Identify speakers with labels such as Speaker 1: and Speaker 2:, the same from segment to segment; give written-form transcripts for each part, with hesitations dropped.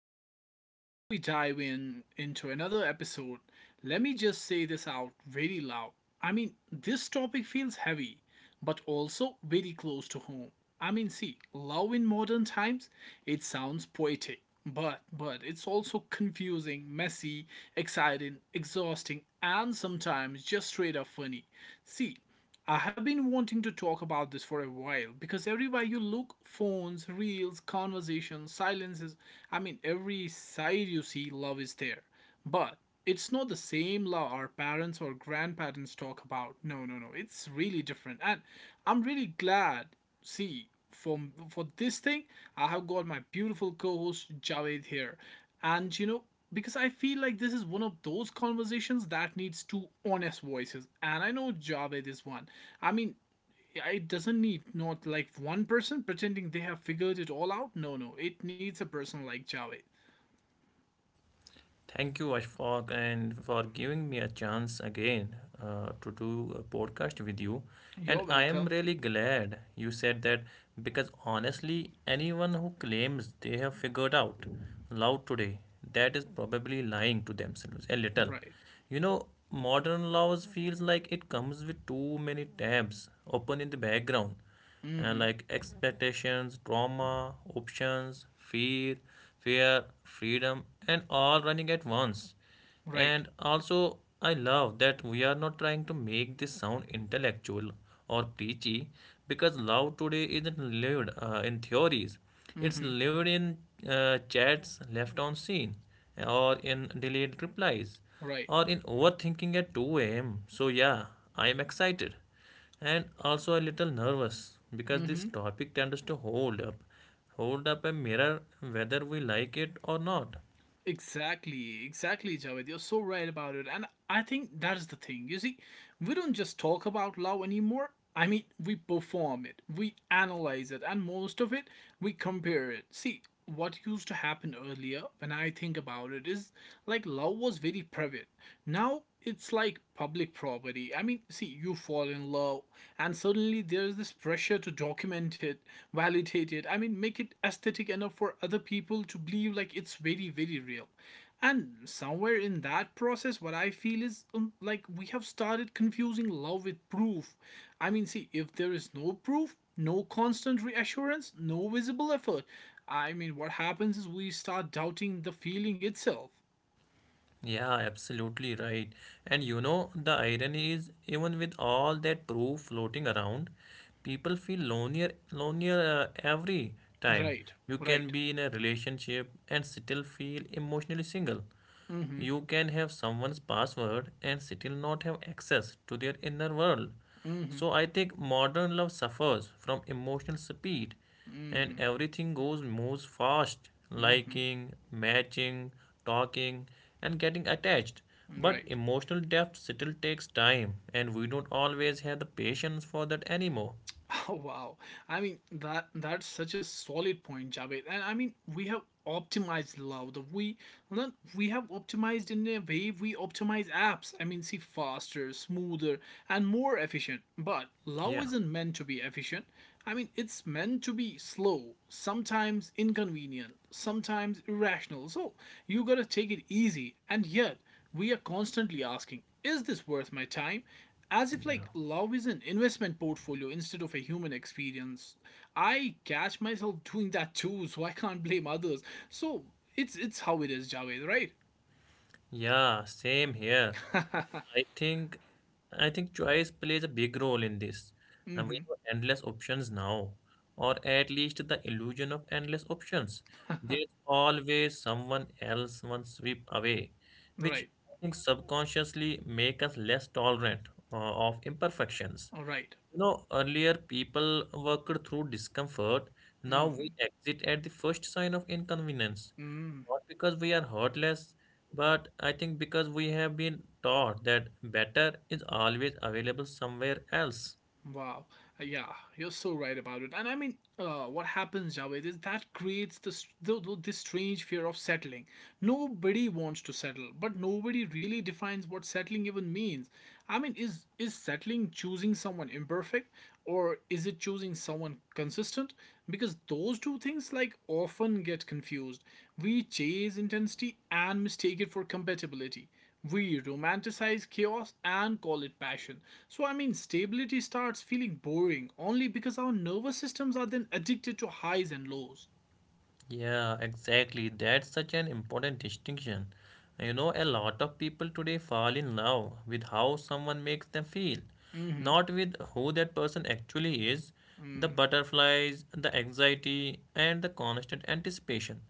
Speaker 1: So, before we dive in into another episode, let me just say this out very loud. This topic feels heavy, but also very close to home. Love in modern times, it sounds poetic, but it's also confusing, messy, exciting, exhausting, and sometimes just straight up funny. See, I have been wanting to talk about this for a while because everywhere you look, phones, reels, conversations, silences, every side you see, love is there. But it's not the same love our parents or grandparents talk about. No, no, no. It's really different. And I'm really glad, see, for, for this thing, I have got my beautiful co host Javed here. And you know, because I feel like this is one of those conversations that needs two honest voices. And I know Javed is one. I mean, it doesn't need not like one person pretending they have figured it all out. No, no, it needs a person like Javed.
Speaker 2: Thank you, Ashfaq, and for giving me a chance again to do a podcast with you. And
Speaker 1: You're
Speaker 2: I am
Speaker 1: welcome.
Speaker 2: really glad you said that, because honestly, anyone who claims they have figured out love today, that is probably lying to themselves a little.
Speaker 1: Right.
Speaker 2: You know, modern laws feels like it comes with too many tabs open in the background,
Speaker 1: Mm-hmm.
Speaker 2: like expectations, trauma, options, fear, fear, freedom, and all running at once.
Speaker 1: Right.
Speaker 2: And also, I love that we are not trying to make this sound intellectual or preachy, because love today isn't lived in theories, it's
Speaker 1: Mm-hmm.
Speaker 2: lived in chats left on scene, or in delayed replies,
Speaker 1: Right.
Speaker 2: or in overthinking at 2 a.m. So, yeah, I am excited, and also a little nervous because this
Speaker 1: Mm-hmm.
Speaker 2: topic tends to hold up a mirror, whether we like it or not.
Speaker 1: Exactly, exactly, Javed. You're so right about it. And I think that is the thing. You see, we don't just talk about love anymore. I mean, we perform it, we analyze it, and most of it, we compare it. See, what used to happen earlier, when I think about it, is like love was very private. Now, it's like public property. You fall in love, and suddenly there's this pressure to document it, validate it. I mean, make it aesthetic enough for other people to believe like it's very, very real. And somewhere in that process, what I feel is like we have started confusing love with proof. If there is no proof, no constant reassurance, no visible effort, I mean, what happens is we start doubting the feeling itself.
Speaker 2: Yeah, absolutely right. And you know, the irony is, even with all that proof floating around, people feel lonelier every time.
Speaker 1: Right,
Speaker 2: You can
Speaker 1: right,
Speaker 2: be in a relationship and still feel emotionally single. You can have someone's password and still not have access to their inner world. So I think modern love suffers from emotional speed, and everything goes moves fast: liking, matching, talking, and getting attached. But
Speaker 1: right.
Speaker 2: emotional depth still takes time, and we don't always have the patience for that anymore.
Speaker 1: Oh, wow. I mean that's such a solid point, Javed. And I mean we have optimized love. The we well, not- We have optimized in a way we optimize apps. I mean, see, faster, smoother, and more efficient. But love
Speaker 2: Yeah,
Speaker 1: isn't meant to be efficient. I mean, it's meant to be slow, sometimes inconvenient, sometimes irrational. So you gotta take it easy. And yet we are constantly asking, is this worth my time? As if
Speaker 2: yeah.
Speaker 1: like love is an investment portfolio instead of a human experience. I catch myself doing that too, so I can't blame others. So it's how it is, Javed, right?
Speaker 2: Yeah, same here. I think choice plays a big role in this. And we have endless options now, or at least the illusion of endless options. There's always someone else one sweep away, which
Speaker 1: Right.
Speaker 2: I think subconsciously make us less tolerant of imperfections.
Speaker 1: All right.
Speaker 2: You know, earlier people worked through discomfort. Now we exit at the first sign of inconvenience. Not because we are heartless, but I think because we have been taught that better is always available somewhere else.
Speaker 1: Wow. Yeah, you're so right about it. And I mean, what happens, Javed, is that creates this, this strange fear of settling. Nobody wants to settle, but nobody really defines what settling even means. I mean, is settling choosing someone imperfect, or is it choosing someone consistent, because those two things like often get confused. We chase intensity and mistake it for compatibility. We romanticize chaos and call it passion. So, I mean, stability starts feeling boring only because our nervous systems are then addicted to highs and lows.
Speaker 2: Yeah, exactly. That's such an important distinction. You know, a lot of people today fall in love with how someone makes them feel, not with who that person actually is. The butterflies, the anxiety, and the constant anticipation.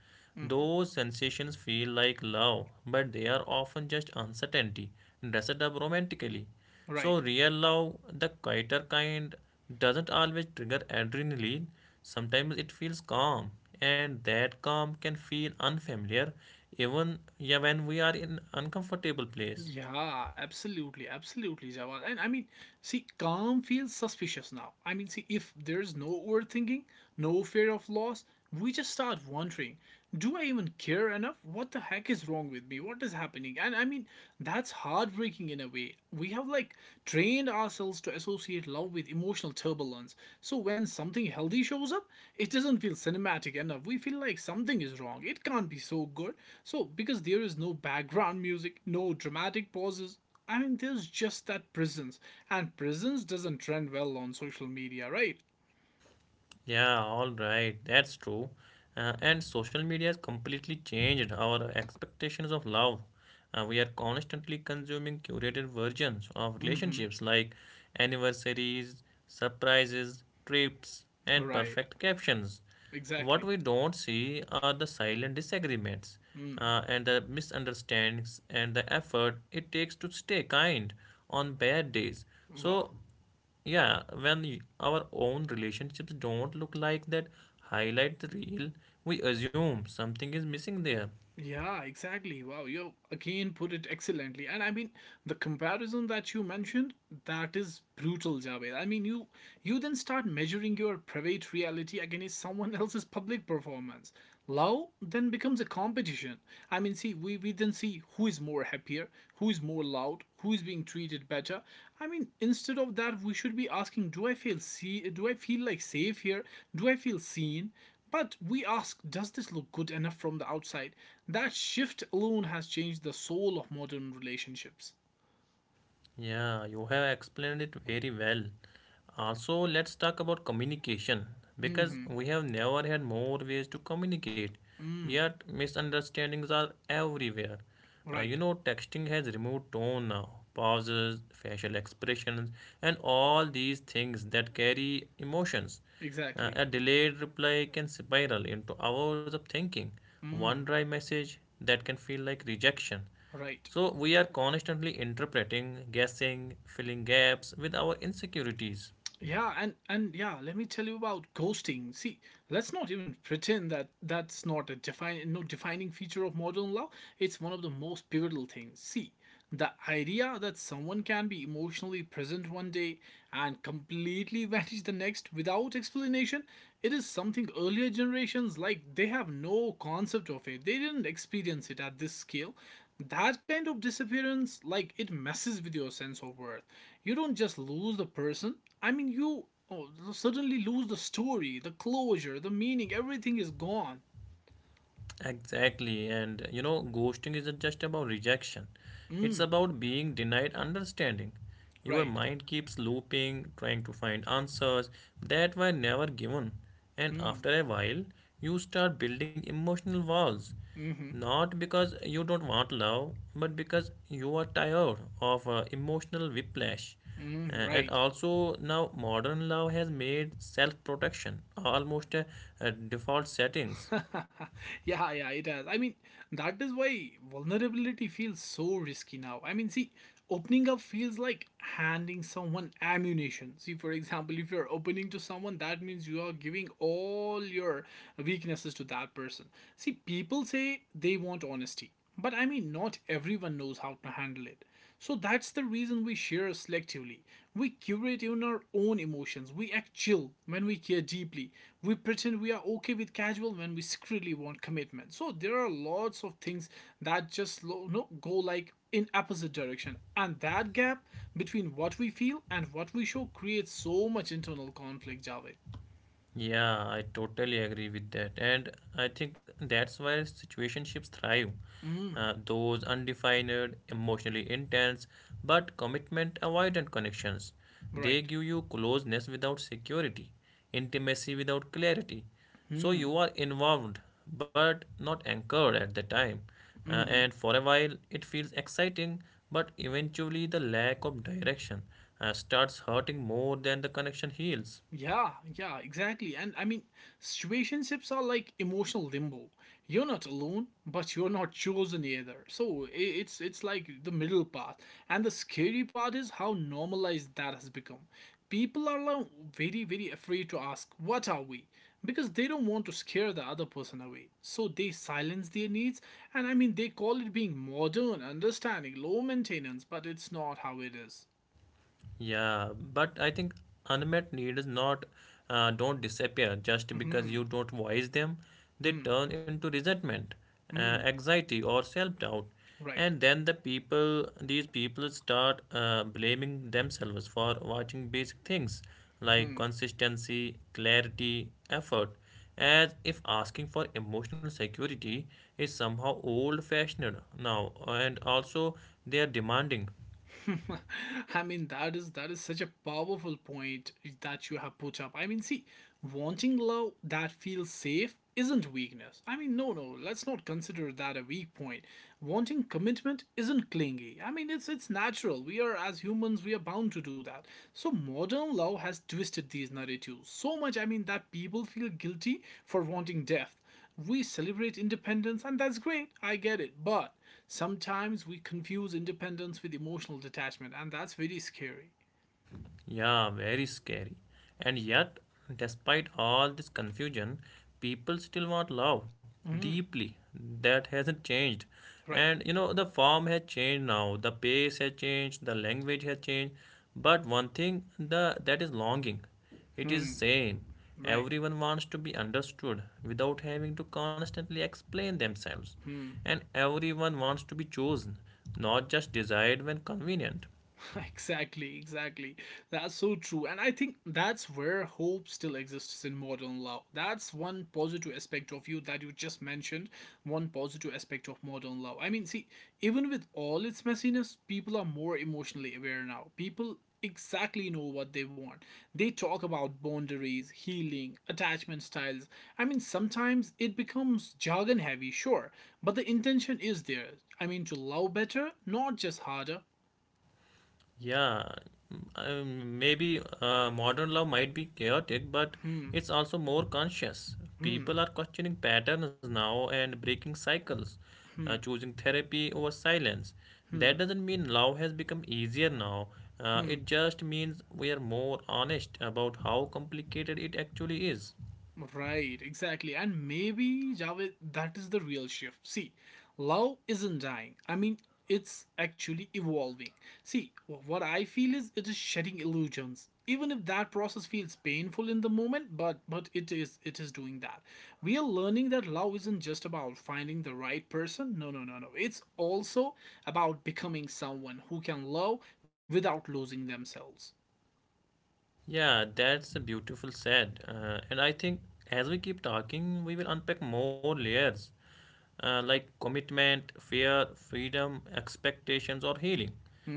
Speaker 2: Those sensations feel like love, but they are often just uncertainty, dressed up romantically. So,
Speaker 1: Right.
Speaker 2: real love, the quieter kind, doesn't always trigger adrenaline. Sometimes it feels calm, and that calm can feel unfamiliar, even, yeah, when we are in uncomfortable place.
Speaker 1: Yeah, absolutely, absolutely, Jawad. And calm feels suspicious now. I mean, see, if there's no overthinking, no fear of loss, we just start wondering, do I even care enough? What the heck is wrong with me? What is happening? And I mean, that's heartbreaking in a way. We have like trained ourselves to associate love with emotional turbulence. So when something healthy shows up, it doesn't feel cinematic enough. We feel like something is wrong. It can't be so good. So because there is no background music, no dramatic pauses, I mean there's just that presence. And presence doesn't trend well on social media, right?
Speaker 2: Yeah, all right. That's true. And social media has completely changed our expectations of love. We are constantly consuming curated versions of
Speaker 1: Mm-hmm.
Speaker 2: relationships, like anniversaries, surprises, trips, and
Speaker 1: Right.
Speaker 2: perfect captions. What
Speaker 1: Exactly.
Speaker 2: we don't see are the silent disagreements,
Speaker 1: Mm.
Speaker 2: and the misunderstandings, and the effort it takes to stay kind on bad days.
Speaker 1: Wow.
Speaker 2: So yeah, when our own relationships don't look like that highlight the real, we assume something is missing there.
Speaker 1: Yeah, exactly. Wow, you again put it excellently. And I mean, the comparison that you mentioned, that is brutal, Javed. I mean, you then start measuring your private reality against someone else's public performance. Love then becomes a competition. I mean, we then see who is more happier, who is more loud, who is being treated better. I mean, instead of that, we should be asking, do I feel like safe here? Do I feel seen? But we ask, does this look good enough from the outside? That shift alone has changed the soul of modern relationships.
Speaker 2: Yeah, you have explained it very well. Also, let's talk about communication, because we have never had more ways to communicate, yet misunderstandings are everywhere. You
Speaker 1: Right,
Speaker 2: know, texting has removed tone now, pauses, facial expressions, and all these things that carry emotions.
Speaker 1: exactly,
Speaker 2: A delayed reply can spiral into hours of thinking. One dry message that can feel like rejection.
Speaker 1: right.
Speaker 2: So we are constantly interpreting, guessing, filling gaps with our insecurities.
Speaker 1: Yeah, and yeah, let me tell you about ghosting. See, let's not even pretend that that's not a define no defining feature of modern love. It's one of the most pivotal things. See, the idea that someone can be emotionally present one day and completely vanish the next without explanation. It is something earlier generations like they have no concept of it. They didn't experience it at this scale. That kind of disappearance like it messes with your sense of worth. You don't just lose the person. i mean you oh, suddenly lose the story, the closure, the meaning. Everything is gone.
Speaker 2: Exactly, and you know, ghosting isn't just about rejection, it's
Speaker 1: Mm,
Speaker 2: about being denied understanding. Your
Speaker 1: right.
Speaker 2: mind keeps looping, trying to find answers that were never given, and
Speaker 1: Mm,
Speaker 2: after a while, you start building emotional walls. Not because you don't want love, but because you are tired of emotional whiplash.
Speaker 1: mm,
Speaker 2: And
Speaker 1: right.
Speaker 2: also, now modern love has made self protection almost a default settings.
Speaker 1: Yeah, yeah, it has. I mean, that is why vulnerability feels so risky now. I mean, see, opening up feels like handing someone ammunition. See, for example, if you're opening to someone, that means you are giving all your weaknesses to that person. See, people say they want honesty, but I mean, not everyone knows how to handle it. So that's the reason we share selectively. We curate even our own emotions. We act chill when we care deeply. We pretend we are okay with casual when we secretly want commitment. So there are lots of things that just lo- no, go like in opposite direction. And that gap between what we feel and what we show creates so much internal conflict, Javed.
Speaker 2: Yeah, I totally agree with that. And I think that's why situationships thrive. Those undefined, emotionally intense, but commitment avoidant connections. They
Speaker 1: Right.
Speaker 2: give you closeness without security, intimacy without clarity. So you are involved, but not anchored at the time. And for a while, it feels exciting, but eventually the lack of direction starts hurting more than the connection heals.
Speaker 1: Yeah, yeah, exactly. And I mean, situationships are like emotional limbo. You're not alone, but you're not chosen either. It's like the middle path. And the scary part is how normalized that has become. People are now very, very afraid to ask, "What are we?" because they don't want to scare the other person away. So they silence their needs, and I mean, they call it being modern, understanding, low maintenance, but it's not how it is.
Speaker 2: Yeah, but I think unmet needs not don't disappear just because you don't voice them. They turn into resentment, anxiety, or self-doubt,
Speaker 1: Right.
Speaker 2: and then these people start blaming themselves for watching basic things like
Speaker 1: Hmm.
Speaker 2: consistency, clarity, effort, as if asking for emotional security is somehow old-fashioned now, and also they are demanding.
Speaker 1: I mean that is such a powerful point that you have put up. I mean, see, wanting love that feels safe isn't weakness. I mean, no, no, let's not consider that a weak point. Wanting commitment isn't clingy. I mean, it's natural. We are as humans, we are bound to do that. So modern love has twisted these narratives so much. I mean, that people feel guilty for wanting depth. We celebrate independence, and that's great, I get it, but sometimes we confuse independence with emotional detachment, and that's very scary.
Speaker 2: Yeah, very scary. And yet, despite all this confusion, people still want love deeply. That hasn't changed.
Speaker 1: Right,
Speaker 2: And you know, the form has changed now, the pace has changed, the language has changed. But one thing, the that is longing. It is same.
Speaker 1: right.
Speaker 2: Everyone wants to be understood without having to constantly explain themselves. And everyone wants to be chosen, not just desired when convenient.
Speaker 1: Exactly, exactly. That's so true. And I think that's where hope still exists in modern love. That's one positive aspect of you that you just mentioned, one positive aspect of modern love. I mean, see, even with all its messiness, people are more emotionally aware now. People exactly know what they want. They talk about boundaries, healing, attachment styles. I mean, sometimes it becomes jargon heavy, sure, but the intention is there. I mean, to love better, not just harder.
Speaker 2: Yeah, maybe modern love might be chaotic, but it's also more conscious. People are questioning patterns now and breaking cycles, choosing therapy over silence. That doesn't mean love has become easier now. It just means we are more honest about how complicated it actually is.
Speaker 1: Right, exactly. And maybe, Javed, that is the real shift. See, love isn't dying. I mean, it's actually evolving. See, what I feel is it is shedding illusions. Even if that process feels painful in the moment, but it is doing that. We are learning that love isn't just about finding the right person. No, no, no, no. It's also about becoming someone who can love without losing themselves.
Speaker 2: Yeah, that's a beautiful said. And I think as we keep talking, we will unpack more layers, like commitment, fear, freedom, expectations, or healing.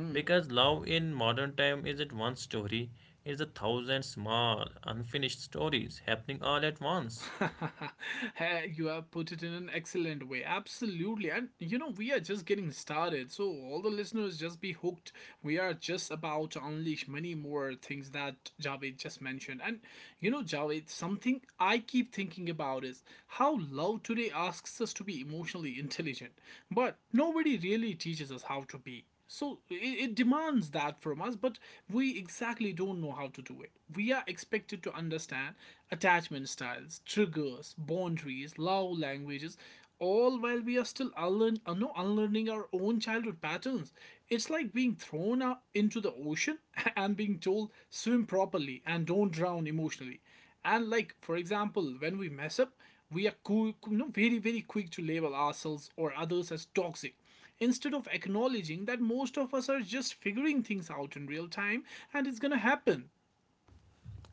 Speaker 2: Because love in modern time isn't one story, it's a thousand small, unfinished stories happening all at once.
Speaker 1: Hey, you have put it in an excellent way. Absolutely. And you know, we are just getting started. So, all the listeners, just be hooked. We are just about to unleash many more things that Javed just mentioned. And you know, Javed, something I keep thinking about is how love today asks us to be emotionally intelligent, but nobody really teaches us how to be. So it demands that from us, but we exactly don't know how to do it. We are expected to understand attachment styles, triggers, boundaries, love languages, all while we are still unlearn, no, unlearning our own childhood patterns. It's like being thrown out into the ocean and being told swim properly and don't drown emotionally. And like for example, when we mess up, we are cool, no, very, very quick to label ourselves or others as toxic instead of acknowledging that most of us are just figuring things out in real time and it's gonna happen.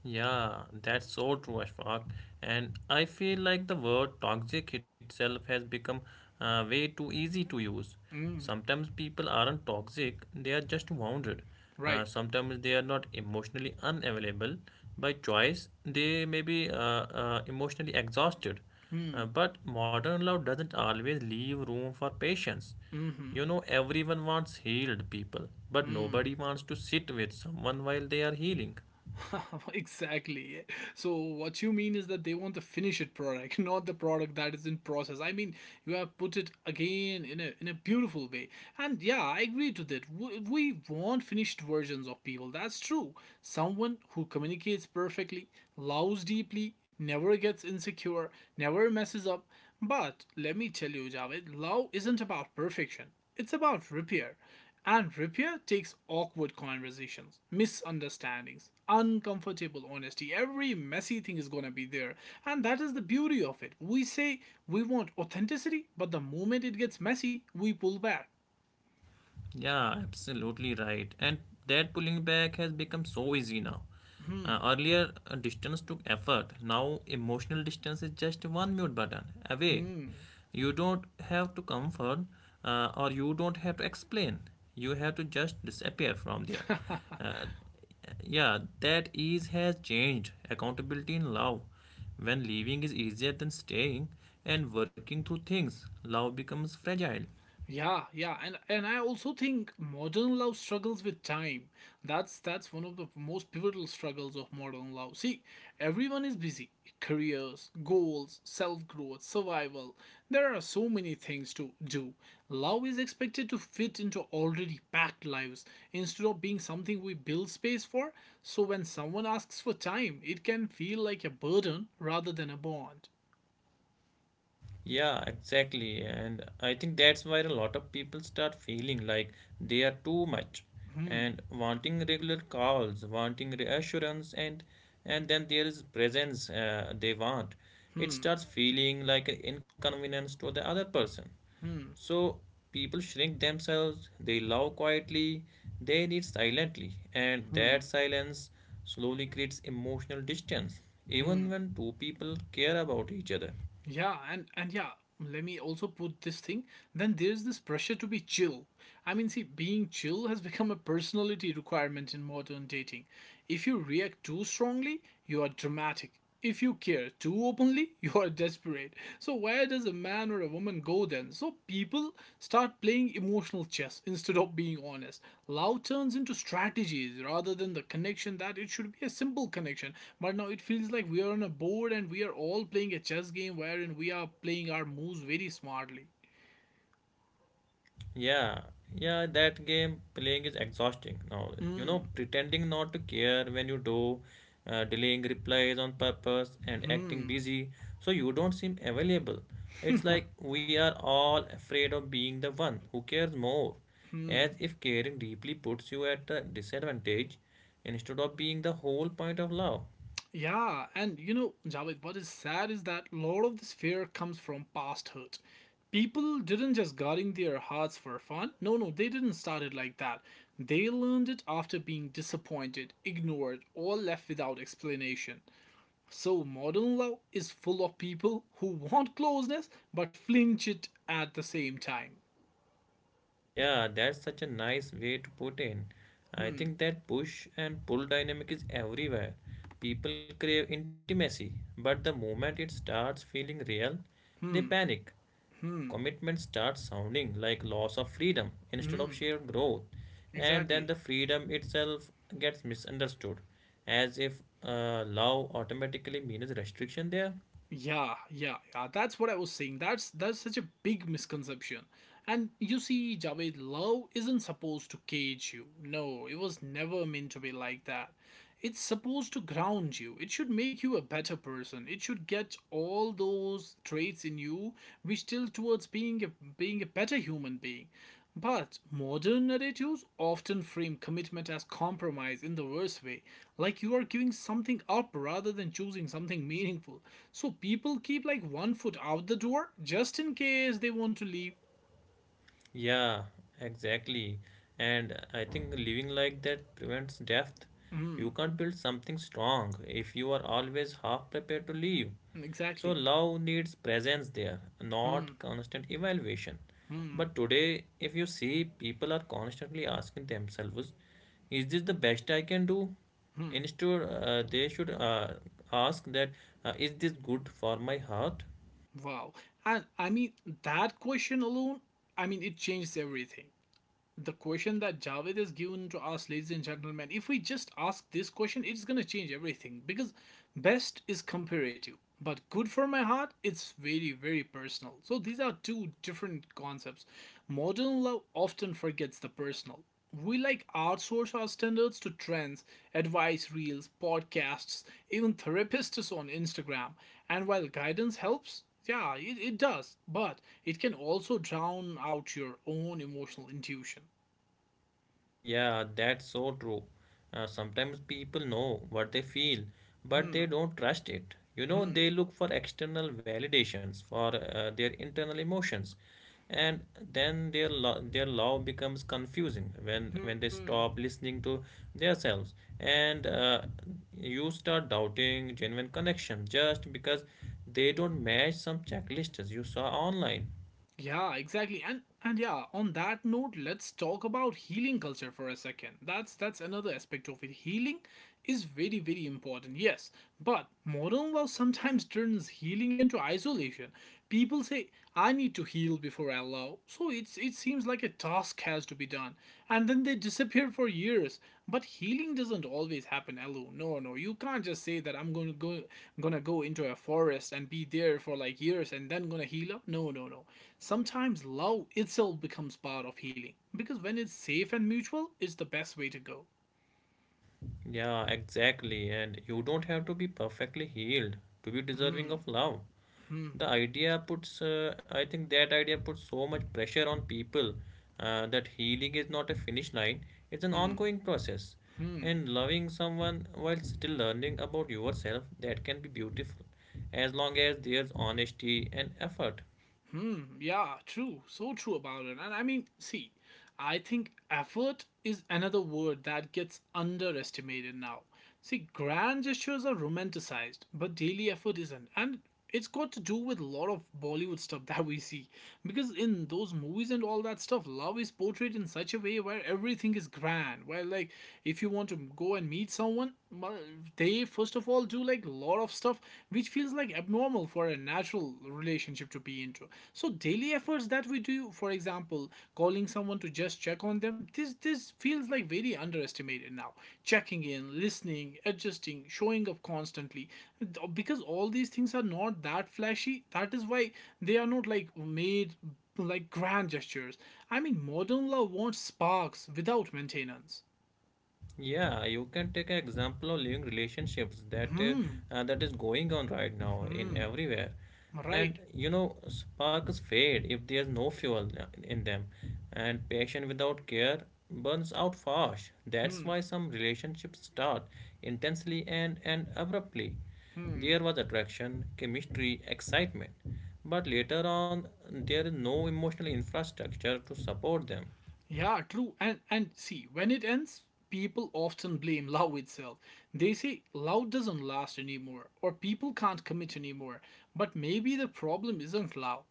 Speaker 2: Yeah, that's so true, Ashfaq. And I feel like the word toxic itself has become way too easy to use. Sometimes people aren't toxic, they are just wounded.
Speaker 1: Right.
Speaker 2: Sometimes they are not emotionally unavailable by choice, they may be emotionally exhausted. But modern love doesn't always leave room for patience.
Speaker 1: Hmm.
Speaker 2: You know, everyone wants healed people, but nobody wants to sit with someone while they are healing.
Speaker 1: Exactly. Yeah. So what you mean is that they want the finished product, not the product that is in process. I mean, you have put it again in a beautiful way. And yeah, I agree to that. We want finished versions of people. That's true. Someone who communicates perfectly, loves deeply, never gets insecure, never messes up. But let me tell you, Javed, love isn't about perfection. It's about repair. And repair takes awkward conversations, misunderstandings, uncomfortable honesty. Every messy thing is going to be there. And that is the beauty of it. We say we want authenticity, but the moment it gets messy, we pull back.
Speaker 2: Yeah, absolutely right. And that pulling back has become so easy now. Earlier, distance took effort. Now, emotional distance is just one mute button away. You don't have to comfort, or you don't have to explain. You have to just disappear from there. Uh, yeah, that ease has changed. Accountability in love. When leaving is easier than staying and working through things, love becomes fragile.
Speaker 1: Yeah, yeah, and I also think modern love struggles with time. That's one of the most pivotal struggles of modern love. See, everyone is busy. Careers, goals, self-growth, survival. There are so many things to do. Love is expected to fit into already packed lives instead of being something we build space for. So when someone asks for time, it can feel like a burden rather than a bond.
Speaker 2: Yeah, exactly. And I think that's where a lot of people start feeling like they are too much, and wanting regular calls, wanting reassurance, and then there is presence they want. It starts feeling like an inconvenience to the other person. So people shrink themselves, they love quietly, they need silently, and that silence slowly creates emotional distance, even when two people care about each other.
Speaker 1: Yeah, and yeah, let me also put this thing. Then there's this pressure to be chill. I mean, see, being chill has become a personality requirement in modern dating. If you react too strongly, you are dramatic. If you care too openly, you are desperate. So where does a man or a woman go then? So people start playing emotional chess instead of being honest. Love turns into strategies rather than the connection that it should be a simple connection. But now it feels like we are on a board and we are all playing a chess game wherein we are playing our moves very smartly.
Speaker 2: Yeah, yeah, that game playing is exhausting now. You know, pretending not to care when you do, delaying replies on purpose, and acting busy so you don't seem available. It's like we are all afraid of being the one who cares more, as if caring deeply puts you at a disadvantage instead of being the whole point of love.
Speaker 1: Yeah, and you know, Javed, what is sad is that a lot of this fear comes from past hurt. People didn't just guarding their hearts for fun. No, no, they didn't start it like that. They learned it after being disappointed, ignored, or left without explanation. So modern love is full of people who want closeness but flinch it at the same time.
Speaker 2: Yeah, that's such a nice way to put in. I think that push and pull dynamic is everywhere. People crave intimacy, but the moment it starts feeling real, they panic. Commitment starts sounding like loss of freedom instead of shared growth, and then
Speaker 1: Exactly.
Speaker 2: the freedom itself gets misunderstood, as if love automatically means restriction there.
Speaker 1: Yeah, yeah, yeah. That's what I was saying. That's such a big misconception. And you see, Javed, love isn't supposed to cage you. No, it was never meant to be like that. It's supposed to ground you. It should make you a better person. It should get all those traits in you which tilt towards being a better human being. But modern narratives often frame commitment as compromise in the worst way, like you are giving something up rather than choosing something meaningful. So people keep like 1 foot out the door just in case they want to leave.
Speaker 2: Yeah, exactly. And I think living like that prevents death. You can't build something strong if you are always half prepared to leave. So
Speaker 1: Exactly.
Speaker 2: love needs presence there, not constant evaluation. But today, if you see, people are constantly asking themselves, is this the best I can do? Instead, they should ask that, is this good for my heart?
Speaker 1: Wow. And I mean, that question alone, I mean, it changes everything. The question that Javed has given to us, ladies and gentlemen, if we just ask this question, it's gonna change everything because best is comparative, but good for my heart, it's very, very personal. So these are two different concepts. Modern love often forgets the personal. We like outsource our standards to trends, advice reels, podcasts, even therapists on Instagram. And while guidance helps, yeah, it does, but it can also drown out your own emotional intuition.
Speaker 2: Yeah, that's so true. Sometimes people know what they feel, but they don't trust it. You know, they look for external validations for their internal emotions, and then their love becomes confusing when they stop listening to themselves, and you start doubting genuine connection just because they don't match some checklists you saw online.
Speaker 1: Yeah, exactly. And yeah, on that note, let's talk about healing culture for a second. That's another aspect of it. Healing is very very important. Yes, but modern love sometimes turns healing into isolation. People say I need to heal before I love. So it's it seems like a task has to be done. And then they disappear for years. But healing doesn't always happen alone. No, no, you can't just say that I'm going to go into a forest and be there for like years and then gonna heal up. No, no, no. Sometimes love itself becomes part of healing because when it's safe and mutual, it's the best way to go.
Speaker 2: Yeah, exactly. And you don't have to be perfectly healed to be deserving of love. I think that idea puts so much pressure on people, that healing is not a finish line, it's an ongoing process. And loving someone while still learning about yourself, that can be beautiful, as long as there's honesty and effort.
Speaker 1: Hmm, yeah, true. So true about it. And I mean, see, I think effort is another word that gets underestimated now. See, grand gestures are romanticized, but daily effort isn't. And it's got to do with a lot of Bollywood stuff that we see. Because in those movies and all that stuff, love is portrayed in such a way where everything is grand. Where, like, if you want to go and meet someone, well, they first of all do like a lot of stuff which feels like abnormal for a natural relationship to be into, so daily efforts that we do, for example, calling someone to just check on them, this feels like very underestimated now. Checking in, listening, adjusting, showing up constantly, because all these things are not that flashy, that is why they are not like made like grand gestures. I mean, modern love wants sparks without maintenance.
Speaker 2: Yeah, you can take an example of living relationships
Speaker 1: Hmm.
Speaker 2: that is going on right now in
Speaker 1: Hmm,
Speaker 2: everywhere,
Speaker 1: right.
Speaker 2: and you know, sparks fade if there's no fuel in them, and passion without care burns out fast. That's why some relationships start intensely and abruptly. There was attraction, chemistry, excitement, but later on there is no emotional infrastructure to support them.
Speaker 1: Yeah, true. And see, when it ends, people often blame love itself. They say love doesn't last anymore or people can't commit anymore. But maybe the problem isn't love.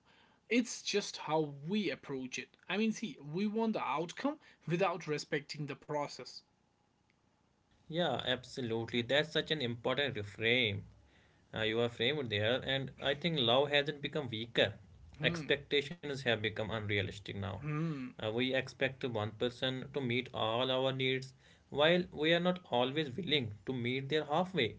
Speaker 1: It's just how we approach it. I mean, see, we want the outcome without respecting the process.
Speaker 2: Yeah, absolutely. That's such an important reframe. You are framed there, and I think love hasn't become weaker. Expectations have become unrealistic now.
Speaker 1: Hmm,
Speaker 2: We expect one person to meet all our needs, while we are not always willing to meet their halfway.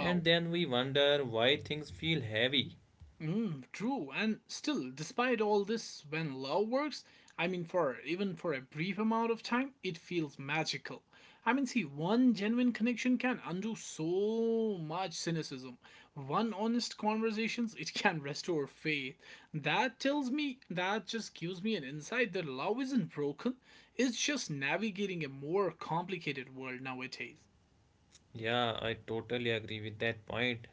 Speaker 2: And then we wonder why things feel heavy.
Speaker 1: Mm, true, and still, despite all this, when love works, I mean, for even for a brief amount of time, it feels magical. I mean, see, one genuine connection can undo so much cynicism. One honest conversations, it can restore faith. That tells me, that just gives me an insight that love isn't broken. It's just navigating a more complicated world nowadays.
Speaker 2: Yeah, I totally agree with that point.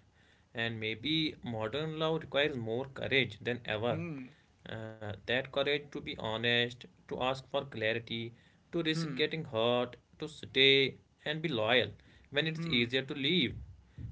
Speaker 2: And maybe modern love requires more courage than ever.
Speaker 1: Hmm,
Speaker 2: That courage to be honest, to ask for clarity, to risk getting hurt, to stay and be loyal when it's
Speaker 1: hmm,
Speaker 2: easier to leave.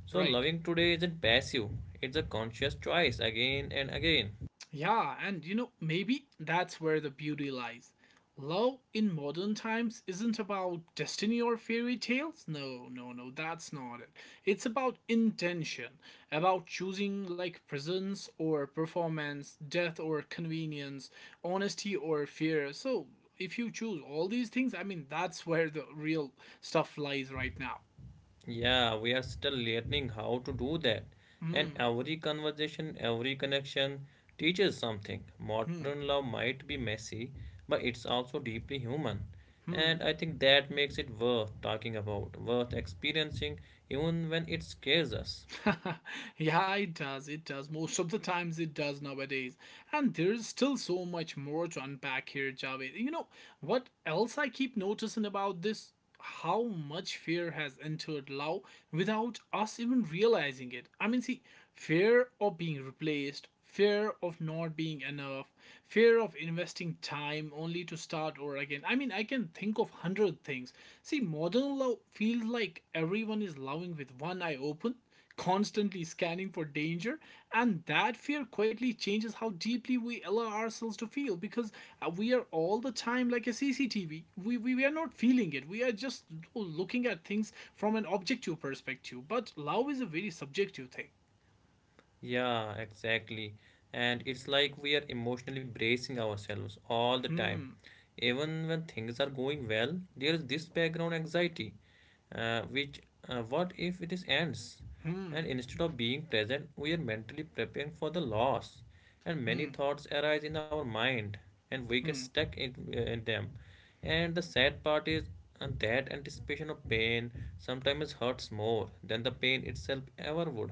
Speaker 2: So,
Speaker 1: right.
Speaker 2: loving today isn't passive, it's a conscious choice again and again.
Speaker 1: Yeah, and you know, maybe that's where the beauty lies. Love in modern times isn't about destiny or fairy tales. No, no, no, that's not it. It's about intention, about choosing like presence or performance, death or convenience, honesty or fear. So, if you choose all these things, I mean, that's where the real stuff lies right now.
Speaker 2: Yeah, we are still learning how to do that. And every conversation, every connection teaches something. Modern love might be messy, but it's also deeply human. And I think that makes it worth talking about, worth experiencing, even when it scares us.
Speaker 1: Yeah, it does. It does. Most of the times it does nowadays. And there's still so much more to unpack here, Javed. You know, what else I keep noticing about this? How much fear has entered love without us even realizing it. I mean, see, fear of being replaced, fear of not being enough, fear of investing time only to start over again. I mean, I can think of 100 things. See, modern love feels like everyone is loving with one eye open, constantly scanning for danger. And that fear quietly changes how deeply we allow ourselves to feel, because we are all the time like a CCTV. We are not feeling it, we are just, oh, looking at things from an objective perspective. But love is a very subjective thing.
Speaker 2: Yeah, exactly. And it's like we are emotionally bracing ourselves all the time. Even when things are going well, there is this background anxiety, which what if it is ends? And instead of being present, we are mentally preparing for the loss. And many thoughts arise in our mind, and we get stuck in them. And the sad part is that anticipation of pain sometimes hurts more than the pain itself ever would.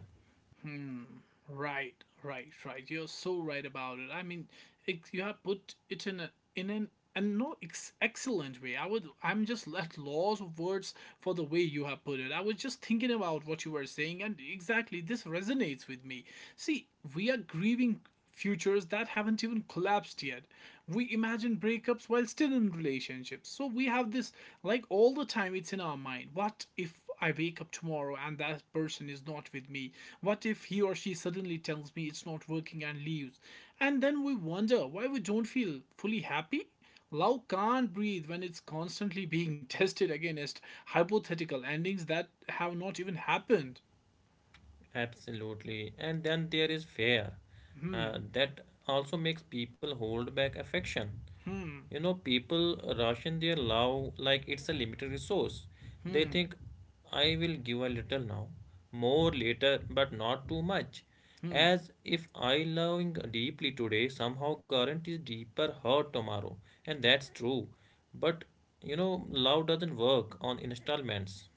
Speaker 1: Right, right, right. You're so right about it. I mean, it, you have put it in an and no excellent way. I would. I'm just at loss of words for the way you have put it. I was just thinking about what you were saying, and exactly this resonates with me. See, we are grieving futures that haven't even collapsed yet. We imagine breakups while still in relationships. So we have this like all the time it's in our mind. What if I wake up tomorrow and that person is not with me? What if he or she suddenly tells me it's not working and leaves? And then we wonder why we don't feel fully happy. Love can't breathe when it's constantly being tested against hypothetical endings that have not even happened.
Speaker 2: Absolutely. And then there is fear. That also makes people hold back affection. You know, people ration their love like it's a limited resource. They think, I will give a little now, more later, but not too much. As if I loving deeply today somehow guarantees deeper hurt tomorrow. And that's true. But, you know, love doesn't work on installments.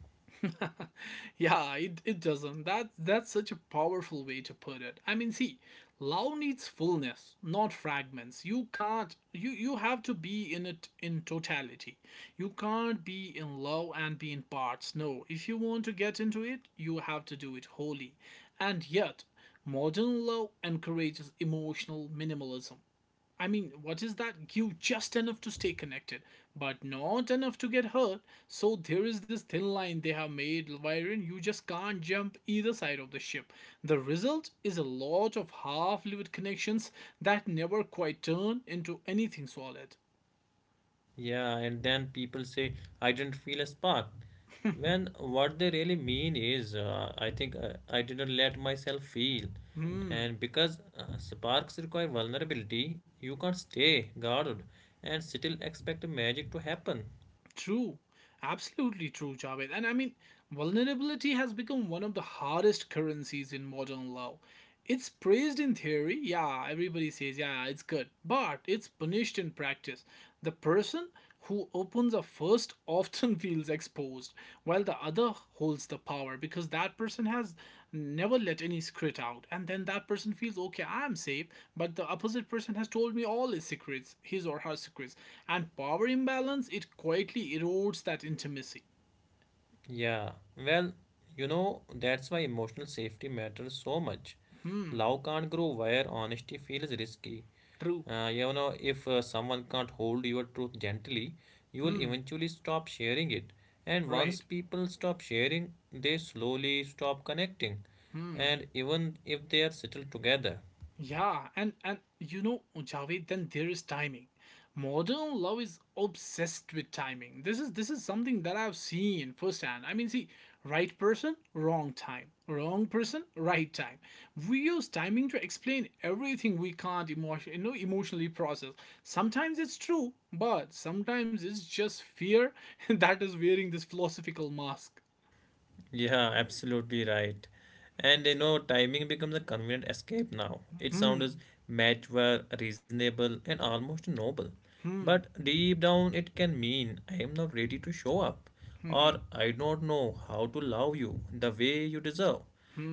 Speaker 1: Yeah, it doesn't. That's such a powerful way to put it. I mean, see, love needs fullness, not fragments. You can't you you have to be in it in totality. You can't be in love and be in parts. No, if you want to get into it, you have to do it wholly. And yet, modern love encourages emotional minimalism. I mean, what is that? Give just enough to stay connected, but not enough to get hurt. So there is this thin line they have made wherein you just can't jump either side of the ship. The result is a lot of half-lived connections that never quite turn into anything solid.
Speaker 2: Yeah, and then people say, I didn't feel a spark. When what they really mean is, I didn't let myself feel. And because sparks require vulnerability, you can't stay guarded and still expect magic to happen.
Speaker 1: True, absolutely true, Javed. And I mean, vulnerability has become one of the hardest currencies in modern love. It's praised in theory, yeah, everybody says, yeah, yeah, it's good, but it's punished in practice. The person who opens a first oft person feels exposed while the other holds the power because that person has never let any secret out, and then that person feels okay, I'm safe, but the opposite person has told me all his secrets, his or her secrets, and power imbalance, it quietly erodes that intimacy.
Speaker 2: Yeah, well, you know, that's why emotional safety matters so much. Love can't grow where honesty feels risky.
Speaker 1: True.
Speaker 2: You know, if someone can't hold your truth gently, you will eventually stop sharing it. And once
Speaker 1: Right.
Speaker 2: people stop sharing, they slowly stop connecting. And even if they are settled together.
Speaker 1: Yeah, and you know, Javed, then there is timing. Modern love is obsessed with timing. This is something that I've seen firsthand. I mean, see, right person, wrong time. Wrong person, right time. We use timing to explain everything we can't emotion, you know, emotionally process. Sometimes it's true, but sometimes it's just fear that is wearing this philosophical mask.
Speaker 2: Yeah, absolutely right. And you know, timing becomes a convenient escape now. It sounds mature, reasonable, and almost noble. But deep down, it can mean I am not ready to show up, or I don't know how to love you the way you deserve.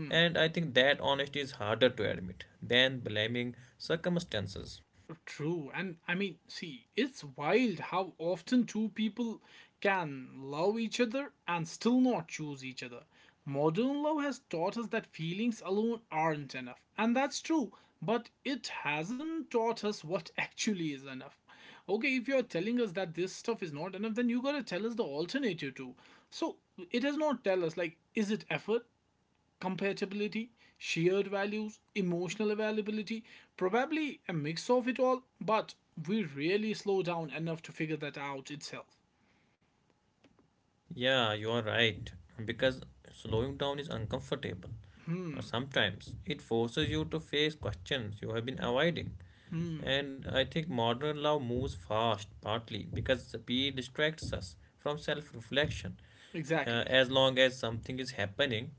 Speaker 2: And I think that honesty is harder to admit than blaming circumstances.
Speaker 1: True, and I mean, see, it's wild how often two people can love each other and still not choose each other. Modern love has taught us that feelings alone aren't enough, and that's true, but it hasn't taught us what actually is enough. Okay, if you're telling us that this stuff is not enough, then you gotta tell us the alternative too. So it does not tell us, like, is it effort? Compatibility, shared values, emotional availability, probably a mix of it all, but we really slow down enough to figure that out itself.
Speaker 2: Yeah, you are right. Because slowing down is uncomfortable. Sometimes it forces you to face questions you have been avoiding. And I think modern love moves fast, partly because speed distracts us from self reflection.
Speaker 1: Exactly.
Speaker 2: As long as something is happening,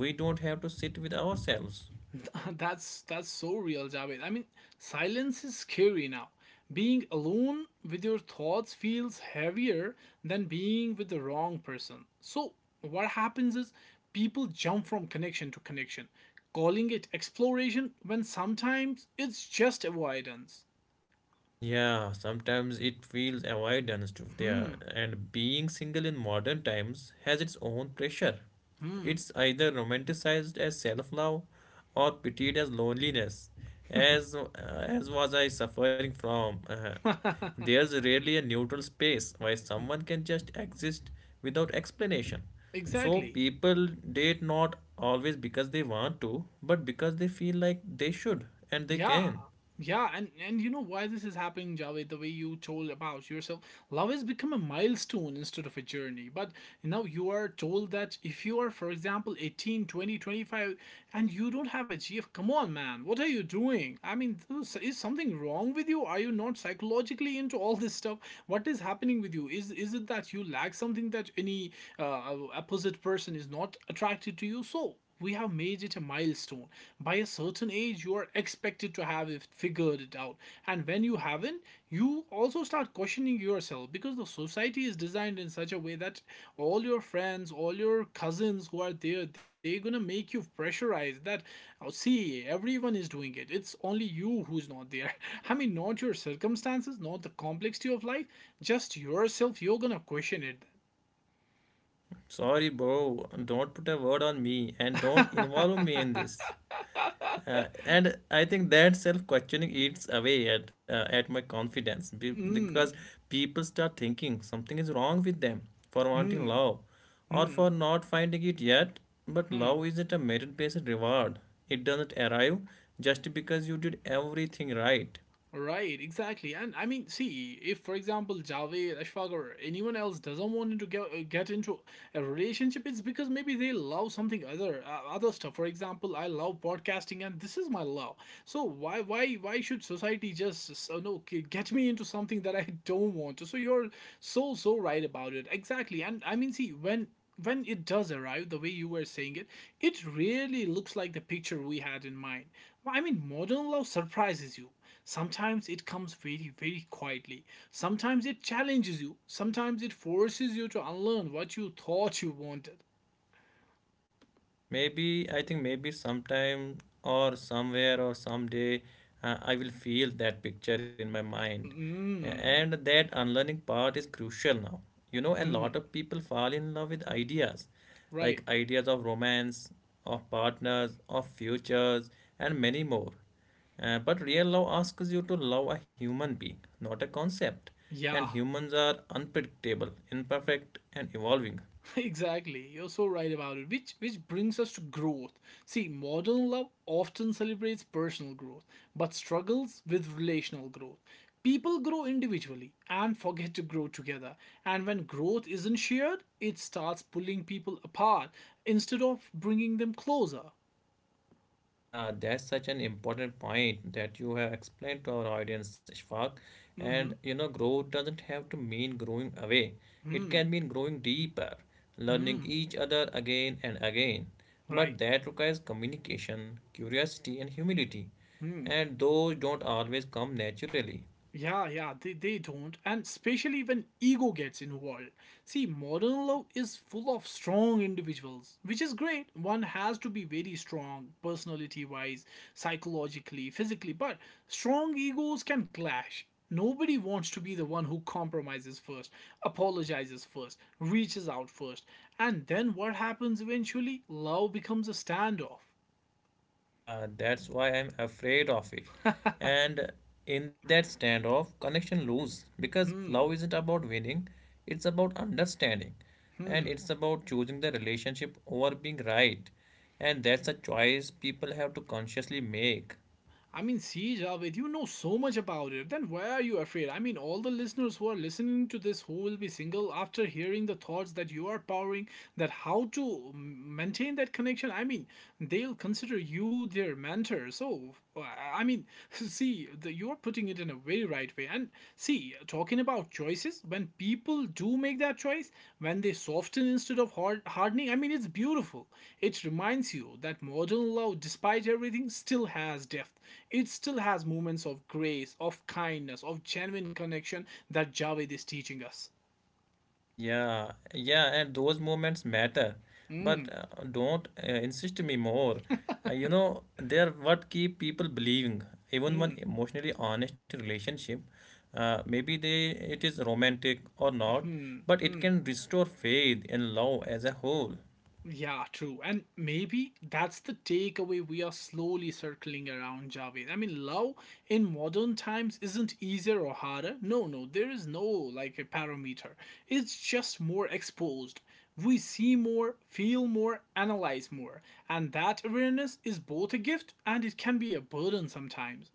Speaker 2: we don't have to sit with ourselves.
Speaker 1: That's so real, Javed. I mean, silence is scary now. Being alone with your thoughts feels heavier than being with the wrong person. So, what happens is people jump from connection to connection, calling it exploration when sometimes it's just avoidance.
Speaker 2: Yeah, sometimes it feels avoidance to there, and being single in modern times has its own pressure. It's either romanticized as self-love or pitied as loneliness, as was I suffering from. There's rarely a neutral space where someone can just exist without explanation. So
Speaker 1: Exactly.
Speaker 2: people date not always because they want to, but because they feel like they should and they
Speaker 1: Yeah.
Speaker 2: can.
Speaker 1: Yeah, and you know why this is happening, Javed, the way you told about yourself. Love has become a milestone instead of a journey. But now you are told that if you are, for example, 18, 20, 25, and you don't have a GF, come on, man, what are you doing? I mean, is something wrong with you? Are you not psychologically into all this stuff? What is happening with you? Is it that you lack something that any opposite person is not attracted to you? So, we have made it a milestone. By a certain age, you are expected to have it figured it out. And when you haven't, you also start questioning yourself because the society is designed in such a way that all your friends, all your cousins who are there, they're gonna make you pressurize that, oh, see, everyone is doing it. It's only you who's not there. I mean, not your circumstances, not the complexity of life, just yourself, you're gonna question it.
Speaker 2: Sorry, bro. Don't put a word on me and don't involve me in this. And I think that self-questioning eats away at my confidence because people start thinking something is wrong with them for wanting
Speaker 1: Hmm.
Speaker 2: love or
Speaker 1: Hmm.
Speaker 2: for not finding it yet. But love isn't a merit-based reward. It doesn't arrive just because you did everything right.
Speaker 1: Right, exactly. And I mean, see, if for example Javed, Ashfaq, or anyone else doesn't want to get into a relationship, it's because maybe they love something other stuff. For example, I love podcasting, and this is my love. So why should society just so no g- get me into something that I don't want to? So you're so right about it. Exactly. And I mean, see, when it does arrive the way you were saying it really looks like the picture we had in mind. Well, I mean modern love surprises you. Sometimes it comes very, very quietly. Sometimes it challenges you. Sometimes it forces you to unlearn what you thought you wanted.
Speaker 2: Maybe, I think maybe sometime or somewhere or someday, I will feel that picture in my mind. And
Speaker 1: Mm,
Speaker 2: that unlearning part is crucial now. You know, a lot of people fall in love with ideas, like
Speaker 1: right.
Speaker 2: ideas of romance, of partners, of futures, and many more. But real love asks you to love a human being, not a concept. And
Speaker 1: Yeah.
Speaker 2: humans are unpredictable, imperfect, and evolving.
Speaker 1: Exactly. You're so right about it. Which brings us to growth. See, modern love often celebrates personal growth, but struggles with relational growth. People grow individually and forget to grow together. And when growth isn't shared, it starts pulling people apart instead of bringing them closer.
Speaker 2: Yeah, that's such an important point that you have explained to our audience, Shfaq. And you know, growth doesn't have to mean growing away. It can mean growing deeper, learning each other again and again. But
Speaker 1: Right.
Speaker 2: that requires communication, curiosity, and humility. And those don't always come naturally.
Speaker 1: Yeah, yeah, they don't. And especially when ego gets involved. See, modern love is full of strong individuals, which is great. One has to be very strong, personality wise, psychologically, physically, but strong egos can clash. Nobody wants to be the one who compromises first, apologizes first, reaches out first. And then what happens eventually? Love becomes a standoff.
Speaker 2: Yeah, that's why I'm afraid of it. And in that standoff, connection lose because love isn't about winning, it's about understanding and it's about choosing the relationship over being right. And that's a choice people have to consciously make.
Speaker 1: I mean, see, Javed, you know so much about it. Then why are you afraid? I mean, all the listeners who are listening to this who will be single after hearing the thoughts that you are powering, that how to maintain that connection, I mean, they'll consider you their mentor. So, I mean, see, you're putting it in a very right way. And see, talking about choices, when people do make that choice, when they soften instead of hardening, I mean, it's beautiful. It reminds you that modern love, despite everything, still has depth. It still has moments of grace, of kindness, of genuine connection that Javed is teaching us.
Speaker 2: Yeah, yeah, and those moments matter, but don't insist me more. You know, they're what keep people believing. Even one emotionally honest relationship, maybe they it is romantic or not, but it can restore faith in love as a whole.
Speaker 1: Yeah, true. And maybe that's the takeaway we are slowly circling around, Javed. I mean, love in modern times isn't easier or harder. No, no, there is no like a parameter. It's just more exposed. We see more, feel more, analyze more. And that awareness is both a gift and it can be a burden sometimes.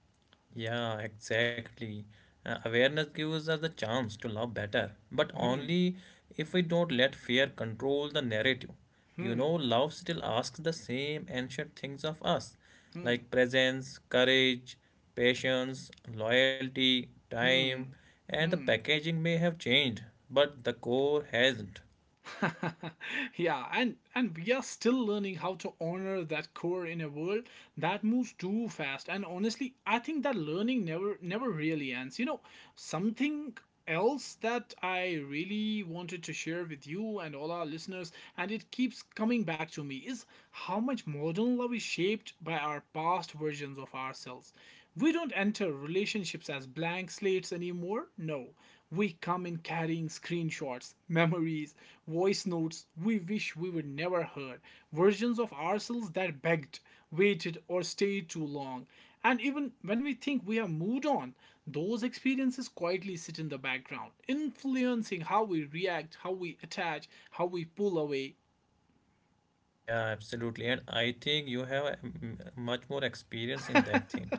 Speaker 2: Yeah, exactly. Awareness gives us the chance to love better, but only if we don't let fear control the narrative. You know, love still asks the same ancient things of us, like presence, courage, patience, loyalty, time, and the packaging may have changed, but the core hasn't.
Speaker 1: Yeah, and we are still learning how to honor that core in a world that moves too fast. And honestly, I think that learning never really ends. You know, something else that I really wanted to share with you and all our listeners, and it keeps coming back to me, is how much modern love is shaped by our past versions of ourselves. We don't enter relationships as blank slates anymore. No. We come in carrying screenshots, memories, voice notes we wish we were never heard, versions of ourselves that begged, waited, or stayed too long. And even when we think we have moved on, those experiences quietly sit in the background, influencing how we react, how we attach, how we pull away.
Speaker 2: Yeah, absolutely. And I think you have much more experience in that thing.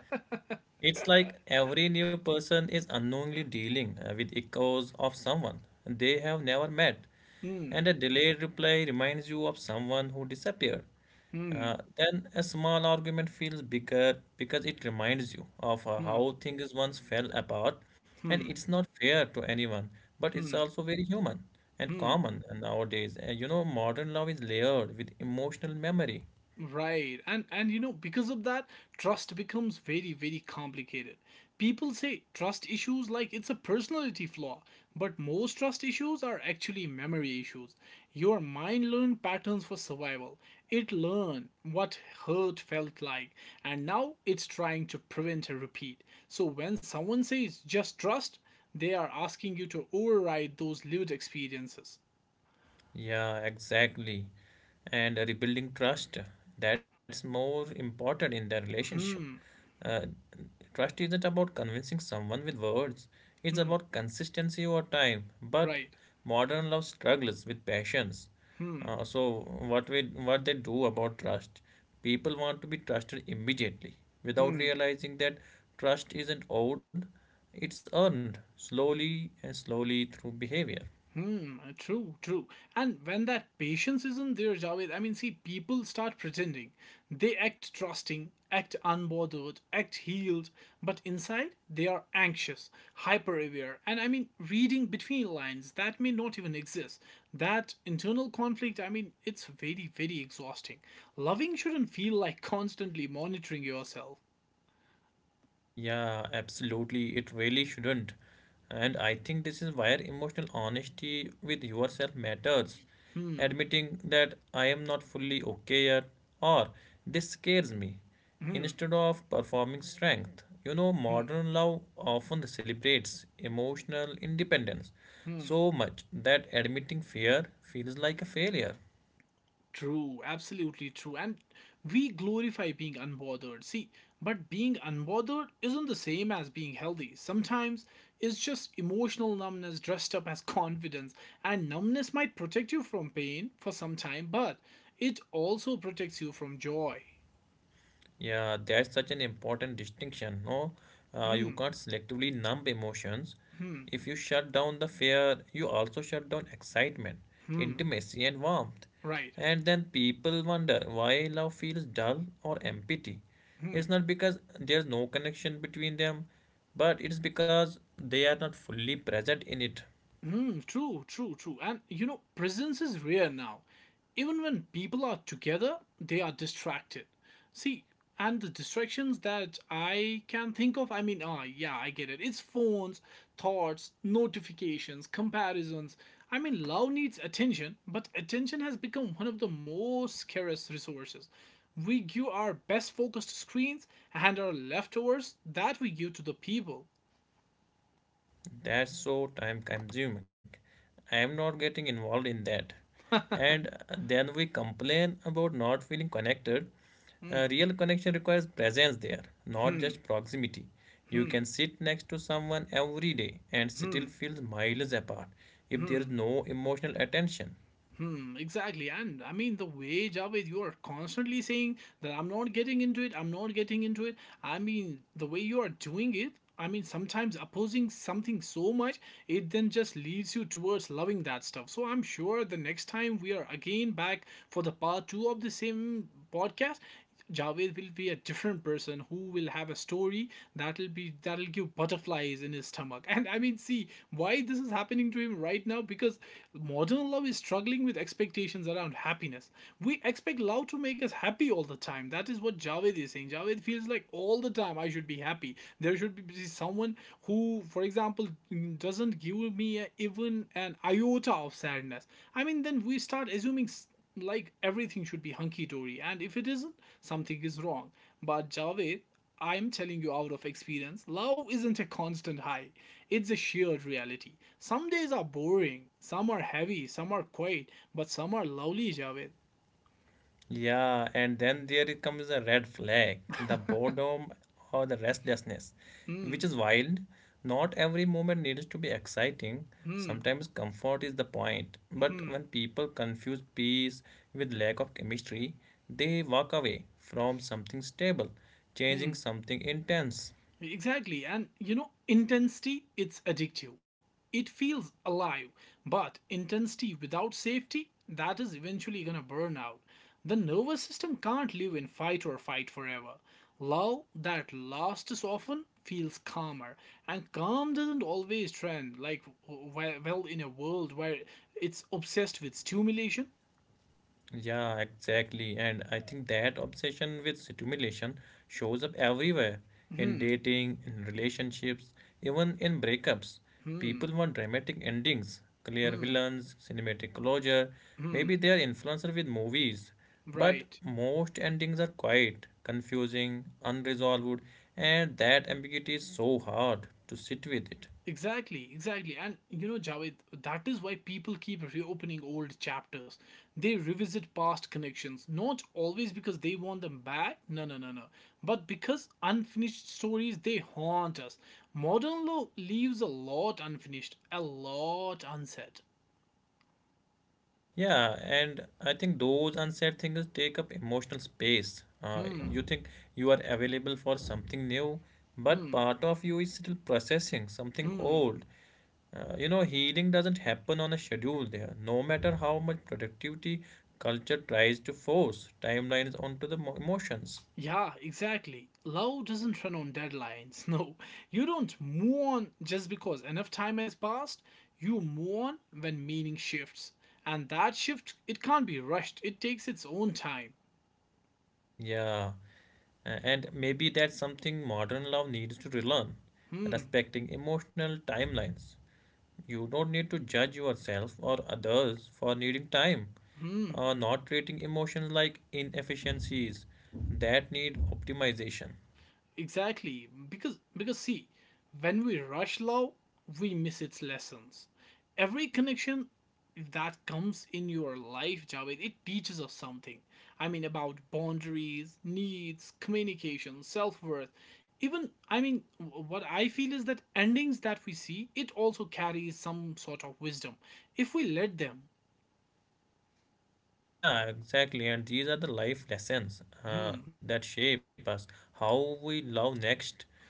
Speaker 2: It's like every new person is unknowingly dealing with echoes of someone they have never met, and a delayed reply reminds you of someone who disappeared. Then a small argument feels bigger because it reminds you of how things once fell apart, and it's not fair to anyone, but it's also very human and common nowadays. And you know, modern love is layered with emotional memory.
Speaker 1: Right. And you know, because of that, trust becomes very very complicated. People say trust issues like it's a personality flaw, but most trust issues are actually memory issues. Your mind learned patterns for survival. It learned what hurt felt like, and now it's trying to prevent a repeat. So when someone says just trust, they are asking you to override those lived experiences.
Speaker 2: Yeah, exactly. And rebuilding trust, that's more important in the relationship. Uh, trust isn't about convincing someone with words, it's about consistency over time. But
Speaker 1: Right.
Speaker 2: modern love struggles with passions. So what they do about trust? People want to be trusted immediately without realizing that trust isn't owed, it's earned slowly and slowly through behavior.
Speaker 1: Hmm, true, true. And when that patience isn't there, Javed, I mean, see, people start pretending. They act trusting, act unbothered, act healed, but inside they are anxious, hyper aware, and I mean, reading between lines that may not even exist. That internal conflict, I mean, it's very, very exhausting. Loving shouldn't feel like constantly monitoring yourself.
Speaker 2: Yeah, absolutely. It really shouldn't. And I think this is where emotional honesty with yourself matters. Admitting that I am not fully okay yet or this scares me instead of performing strength. You know, modern love often celebrates emotional independence so much that admitting fear feels like a failure.
Speaker 1: True, absolutely true. And we glorify being unbothered. See, but being unbothered isn't the same as being healthy. Sometimes it's just emotional numbness dressed up as confidence. And numbness might protect you from pain for some time, but it also protects you from joy.
Speaker 2: Yeah, that's such an important distinction. No, you
Speaker 1: Hmm,
Speaker 2: can't selectively numb emotions.
Speaker 1: hmm,
Speaker 2: If you shut down the fear, you also shut down excitement,
Speaker 1: hmm.
Speaker 2: intimacy, and warmth.
Speaker 1: Right.
Speaker 2: And then people wonder why love feels dull or empty.
Speaker 1: Hmm.
Speaker 2: It's not because there's no connection between them, but it's because they are not fully present in it.
Speaker 1: Mm, true, true, true. And you know, presence is rare now. Even when people are together, they are distracted. See, and the distractions that I can think of, I mean, yeah, I get it. It's phones, thoughts, notifications, comparisons. I mean, love needs attention, but attention has become one of the most scarce resources. We give our best focus to screens and our leftovers that we give to the people.
Speaker 2: That's so time consuming. I am not getting involved in that. And then we complain about not feeling connected. Uh,
Speaker 1: Hmm,
Speaker 2: real connection requires presence there, not
Speaker 1: hmm,
Speaker 2: just proximity. You
Speaker 1: hmm,
Speaker 2: can sit next to someone every day and
Speaker 1: hmm.
Speaker 2: still feel miles apart if there is
Speaker 1: Hmm.
Speaker 2: no emotional attention.
Speaker 1: Hmm, exactly. And I mean, the way, Javed, you are constantly saying that I'm not getting into it, I'm not getting into it. I mean, the way you are doing it, I mean, sometimes opposing something so much, it then just leads you towards loving that stuff. So I'm sure the next time we are again back for the part two of the same podcast, Javed will be a different person who will have a story that'll give butterflies in his stomach. And I mean, see why this is happening to him right now because modern love is struggling with expectations around happiness. We expect love to make us happy all the time. That is what Javed is saying. Javed feels like all the time I should be happy. There should be someone who, for example, doesn't give me even an iota of sadness. I mean, then we start assuming like everything should be hunky dory, and if it isn't, something is wrong. But Javed, I'm telling you out of experience, love isn't a constant high. It's a shared reality. Some days are boring, some are heavy, some are quiet, but some are lovely, Javed.
Speaker 2: Yeah, and then there it comes a red flag, the boredom or the restlessness,
Speaker 1: Hmm,
Speaker 2: which is wild. Not every moment needs to be exciting.
Speaker 1: hmm,
Speaker 2: Sometimes comfort is the point. But
Speaker 1: hmm,
Speaker 2: when people confuse peace with lack of chemistry, they walk away from something stable,
Speaker 1: hmm.
Speaker 2: changing something intense.
Speaker 1: Exactly. And you know, intensity, it's addictive. It feels alive, but intensity without safety, that is eventually gonna burn out. The nervous system can't live in fight or fight forever. Love that lasts often feels calmer, and calm doesn't always trend like well in a world where it's obsessed with stimulation.
Speaker 2: Yeah, exactly. And I think that obsession with stimulation shows up everywhere in
Speaker 1: Hmm,
Speaker 2: dating, in relationships, even in breakups.
Speaker 1: hmm,
Speaker 2: People want dramatic endings, clear
Speaker 1: hmm,
Speaker 2: villains, cinematic closure.
Speaker 1: hmm.
Speaker 2: Maybe they are influenced with movies. But
Speaker 1: Right.
Speaker 2: most endings are quiet, confusing, unresolved, and that ambiguity is so hard to sit with it.
Speaker 1: Exactly, exactly. And you know, Javed, that is why people keep reopening old chapters. They revisit past connections, not always because they want them back, no, no, no, no, but because unfinished stories they haunt us. Modern law leaves a lot unfinished, a lot unsaid.
Speaker 2: Yeah, and I think those unsaid things take up emotional space.
Speaker 1: Hmm,
Speaker 2: You think you are available for something new, but
Speaker 1: hmm,
Speaker 2: part of you is still processing something
Speaker 1: hmm.
Speaker 2: old. You know, healing doesn't happen on a schedule there, no matter how much productivity culture tries to force timelines onto the emotions.
Speaker 1: Yeah, exactly. Love doesn't run on deadlines. No, you don't move on just because enough time has passed. You move on when meaning shifts, and that shift it can't be rushed. It takes its own time.
Speaker 2: Yeah, and maybe that's something modern love needs to relearn,
Speaker 1: Hmm.
Speaker 2: respecting emotional timelines. You don't need to judge yourself or others for needing time
Speaker 1: Hmm.
Speaker 2: or not treating emotions like inefficiencies that need optimization.
Speaker 1: Exactly, because see, when we rush love, we miss its lessons. Every connection that comes in your life, Javed, it teaches us something. I mean about boundaries, needs, communication, self-worth. Even what I feel is that endings that we see, it also carries some sort of wisdom if we let them.
Speaker 2: Yeah, exactly. And these are the life lessons
Speaker 1: Hmm.
Speaker 2: that shape us, how we love next.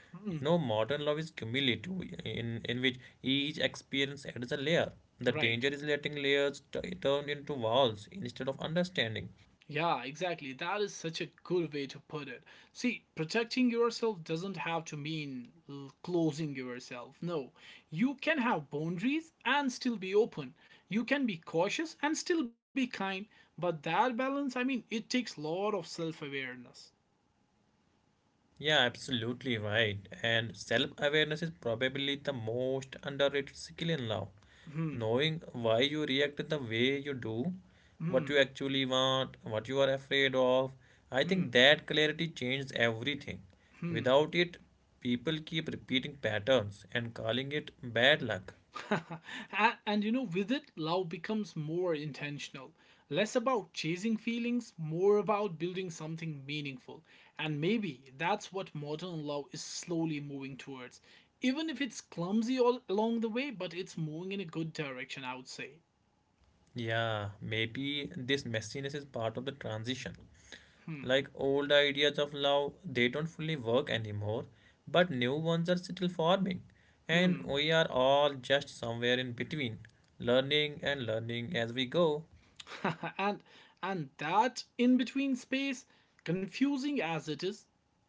Speaker 2: You know,
Speaker 1: hmm,
Speaker 2: modern love is cumulative, in which each experience adds a layer. The
Speaker 1: Right.
Speaker 2: danger is letting layers turn into walls instead of understanding.
Speaker 1: Yeah, exactly. That is such a good way to put it. See, protecting yourself doesn't have to mean closing yourself. No, you can have boundaries and still be open. You can be cautious and still be kind. But that balance, I mean, it takes a lot of self awareness.
Speaker 2: Yeah, absolutely right. And self awareness is probably the most underrated skill in love.
Speaker 1: Hmm.
Speaker 2: Knowing why you react the way you do, what
Speaker 1: Hmm.
Speaker 2: you actually want, what you are afraid of, I
Speaker 1: Hmm.
Speaker 2: think that clarity changes everything.
Speaker 1: Hmm.
Speaker 2: Without it, people keep repeating patterns and calling it bad luck.
Speaker 1: and, with it, love becomes more intentional. Less about chasing feelings, more about building something meaningful. And maybe that's what modern love is slowly moving towards. Even if it's clumsy all along the way, but it's moving in a good direction, I would say.
Speaker 2: Yeah, maybe this messiness is part of the transition.
Speaker 1: Hmm.
Speaker 2: Like old ideas of love, they don't fully work anymore, but new ones are still forming. And
Speaker 1: Hmm.
Speaker 2: we are all just somewhere in between, learning and learning as we go.
Speaker 1: and and that in between space, confusing as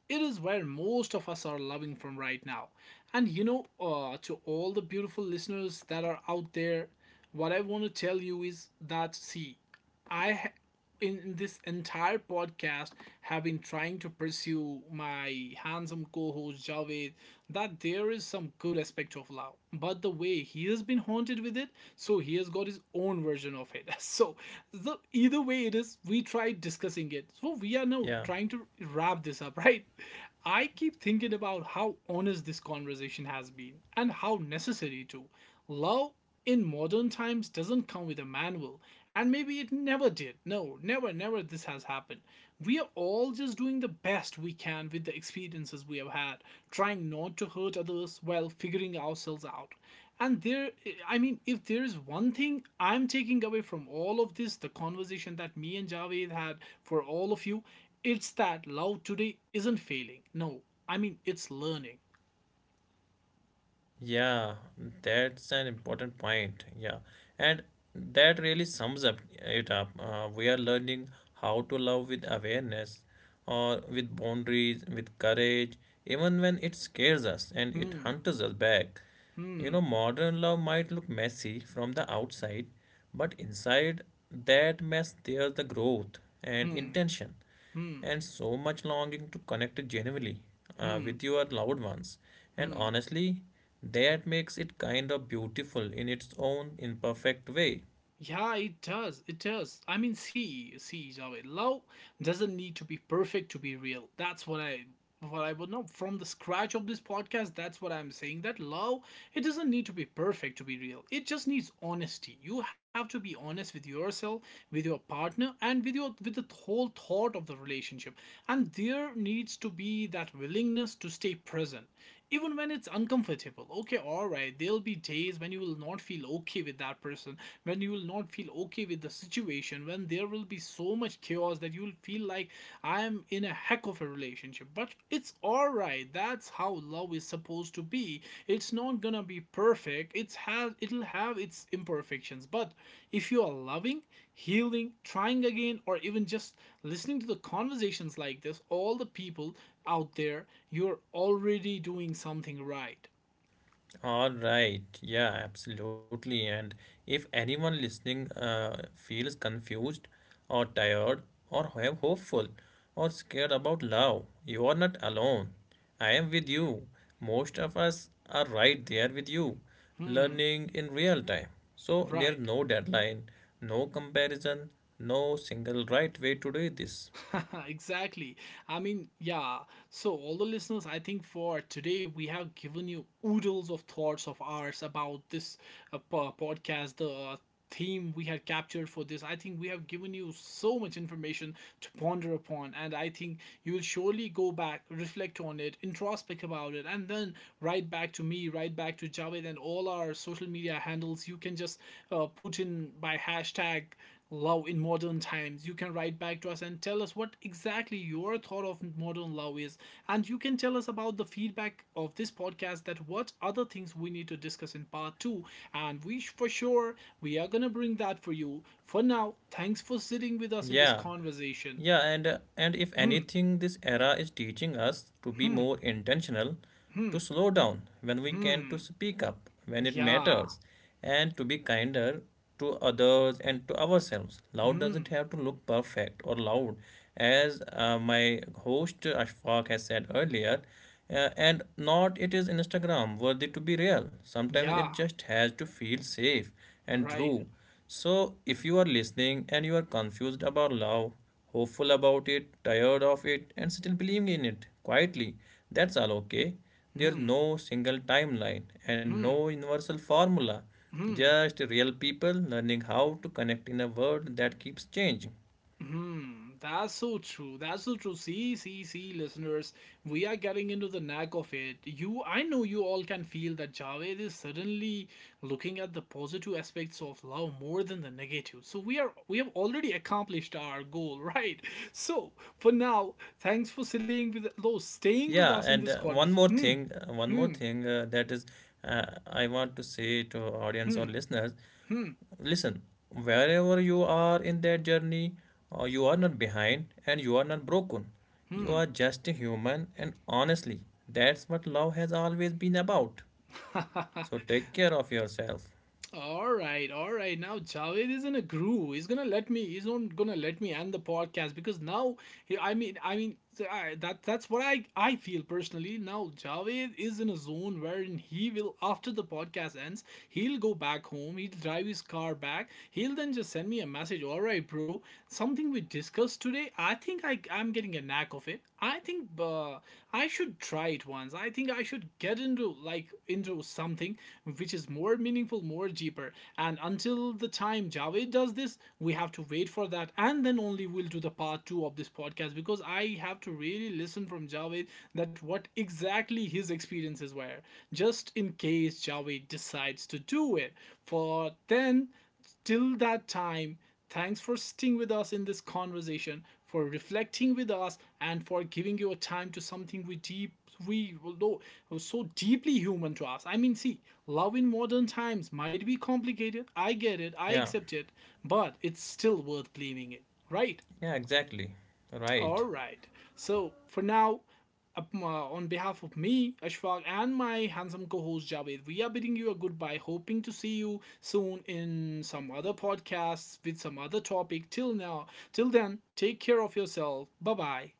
Speaker 1: it is where most of us are loving from right now. And to all the beautiful listeners that are out there, what I want to tell you is that see, I ha- in this entire podcast have been trying to pursue my handsome co-host Javed that there is some good aspect of love, but the way he has been haunted with it, so he has got his own version of it. So either way it is, we tried discussing it, so we are now
Speaker 2: Yeah.
Speaker 1: trying to wrap this up. Right, I keep thinking about how honest this conversation has been and how necessary too. Love in modern times doesn't come with a manual, and maybe it never did. No, never, never this has happened. We are all just doing the best we can with the experiences we have had, trying not to hurt others while figuring ourselves out. And there, I mean, if there is one thing I'm taking away from all of this, the conversation that me and Javed had for all of you, it's that love today isn't failing. No, I mean, it's learning.
Speaker 2: Yeah, that's an important point. Yeah, and that really sums up it up. We are learning how to love with awareness, or with boundaries, with courage, even when it scares us and it
Speaker 1: Hmm,
Speaker 2: hunts us back. You know,
Speaker 1: hmm,
Speaker 2: modern love might look messy from the outside, but inside that mess, there's the growth and
Speaker 1: hmm,
Speaker 2: intention
Speaker 1: hmm,
Speaker 2: and so much longing to connect genuinely
Speaker 1: hmm,
Speaker 2: with your loved ones. And
Speaker 1: hmm.
Speaker 2: honestly, that makes it kind of beautiful in its own imperfect way.
Speaker 1: Yeah, it does. It does. I mean, see, see, Javed, love doesn't need to be perfect to be real. That's what I would know from the scratch of this podcast. That's what I'm saying. That love, it doesn't need to be perfect to be real. It just needs honesty. You have to be honest with yourself, with your partner, and with your with the whole thought of the relationship. And there needs to be that willingness to stay present even when it's uncomfortable. Okay, all right, there'll be days when you will not feel okay with that person, when you will not feel okay with the situation, when there will be so much chaos that you'll feel like I'm in a heck of a relationship. But it's all right. That's how love is supposed to be. It's not gonna be perfect. It'll have its imperfections. But if you are loving, healing, trying again, or even just listening to the conversations like this, all the people out there, you're already doing something right.
Speaker 2: All right. Yeah, absolutely. And if anyone listening feels confused or tired or have hopeful or scared about love, you are not alone. I am with you. Most of us are right there with you,
Speaker 1: Hmm,
Speaker 2: learning in real time. So there's
Speaker 1: right.
Speaker 2: no deadline, no comparison, no single right way to do this.
Speaker 1: Exactly. I mean, yeah. So, all the listeners, I think for today we have given you oodles of thoughts of ours about this podcast, the theme we had captured for this. I think we have given you so much information to ponder upon, and I think you will surely go back, reflect on it, introspect about it, and then write back to me, write back to Javed, and all our social media handles. You can just put in by hashtag love in modern times. You can write back to us and tell us what exactly your thought of modern love is. And you can tell us about the feedback of this podcast, that what other things we need to discuss in part two. And we for sure, we are gonna bring that for you. For now, thanks for sitting with us in this
Speaker 2: Yeah.
Speaker 1: conversation.
Speaker 2: Yeah, and if
Speaker 1: Hmm,
Speaker 2: anything, this era is teaching us to be
Speaker 1: hmm,
Speaker 2: more intentional,
Speaker 1: hmm,
Speaker 2: to slow down when we can, to
Speaker 1: hmm.
Speaker 2: speak up when it
Speaker 1: Yeah.
Speaker 2: matters, and to be kinder to others and to ourselves. Loud
Speaker 1: Hmm.
Speaker 2: doesn't have to look perfect or loud, as my host Ashfaq has said earlier. And not it is Instagram worthy to be real. Sometimes
Speaker 1: Yeah.
Speaker 2: it just has to feel safe and
Speaker 1: Right.
Speaker 2: true. So if you are listening and you are confused about love, hopeful about it, tired of it, and still believing in it quietly, that's all okay. There's
Speaker 1: Hmm.
Speaker 2: no single timeline and
Speaker 1: Hmm.
Speaker 2: no universal formula,
Speaker 1: Hmm.
Speaker 2: just real people learning how to connect in a world that keeps changing.
Speaker 1: Hmm, that's so true. That's so true. See, see, see, listeners, we are getting into the knack of it. You, I know you all can feel that Javed is suddenly looking at the positive aspects of love more than the negative. So we have already accomplished our goal. Right? So for now, thanks for sitting with, no, staying with
Speaker 2: Yeah,
Speaker 1: us in this
Speaker 2: and
Speaker 1: conversation. Hmm,
Speaker 2: one more
Speaker 1: hmm,
Speaker 2: thing that is, I want to say to audience or
Speaker 1: hmm,
Speaker 2: listeners,
Speaker 1: hmm.
Speaker 2: listen, wherever you are in that journey, you are not behind and you are not broken. You are just a human, and honestly, that's what love has always been about.
Speaker 1: Hmm.
Speaker 2: So take care of yourself.
Speaker 1: All right, all right. Now Javed is in a groove. He's gonna let me. He's not gonna let me end the podcast because now, that that's what I feel personally. Now Javed is in a zone wherein he will, after the podcast ends, he'll go back home. He'll drive his car back. He'll then just send me a message. All right, bro, something we discussed today. I think I'm getting a knack of it. I think I should try it once. I think I should get into into something which is more meaningful, more deeper. And until the time Javed does this, we have to wait for that, and then only we'll do the part two of this podcast because I have to really listen from Javed that what exactly his experiences were, just in case Javed decides to do it. For then Till that time, thanks for sticking with us in this conversation, for reflecting with us, and for giving your time to something we deep we know was so deeply human to us. I mean, see, love in modern times might be complicated. I get it, I
Speaker 2: Yeah,
Speaker 1: accept it, but it's still worth believing it, right?
Speaker 2: yeah, exactly.
Speaker 1: All
Speaker 2: Right.
Speaker 1: right. So for now, on behalf of me, Ashfaq, and my handsome co-host Javed, we are bidding you a goodbye, hoping to see you soon in some other podcasts with some other topic. Till now, till then, take care of yourself. Bye bye.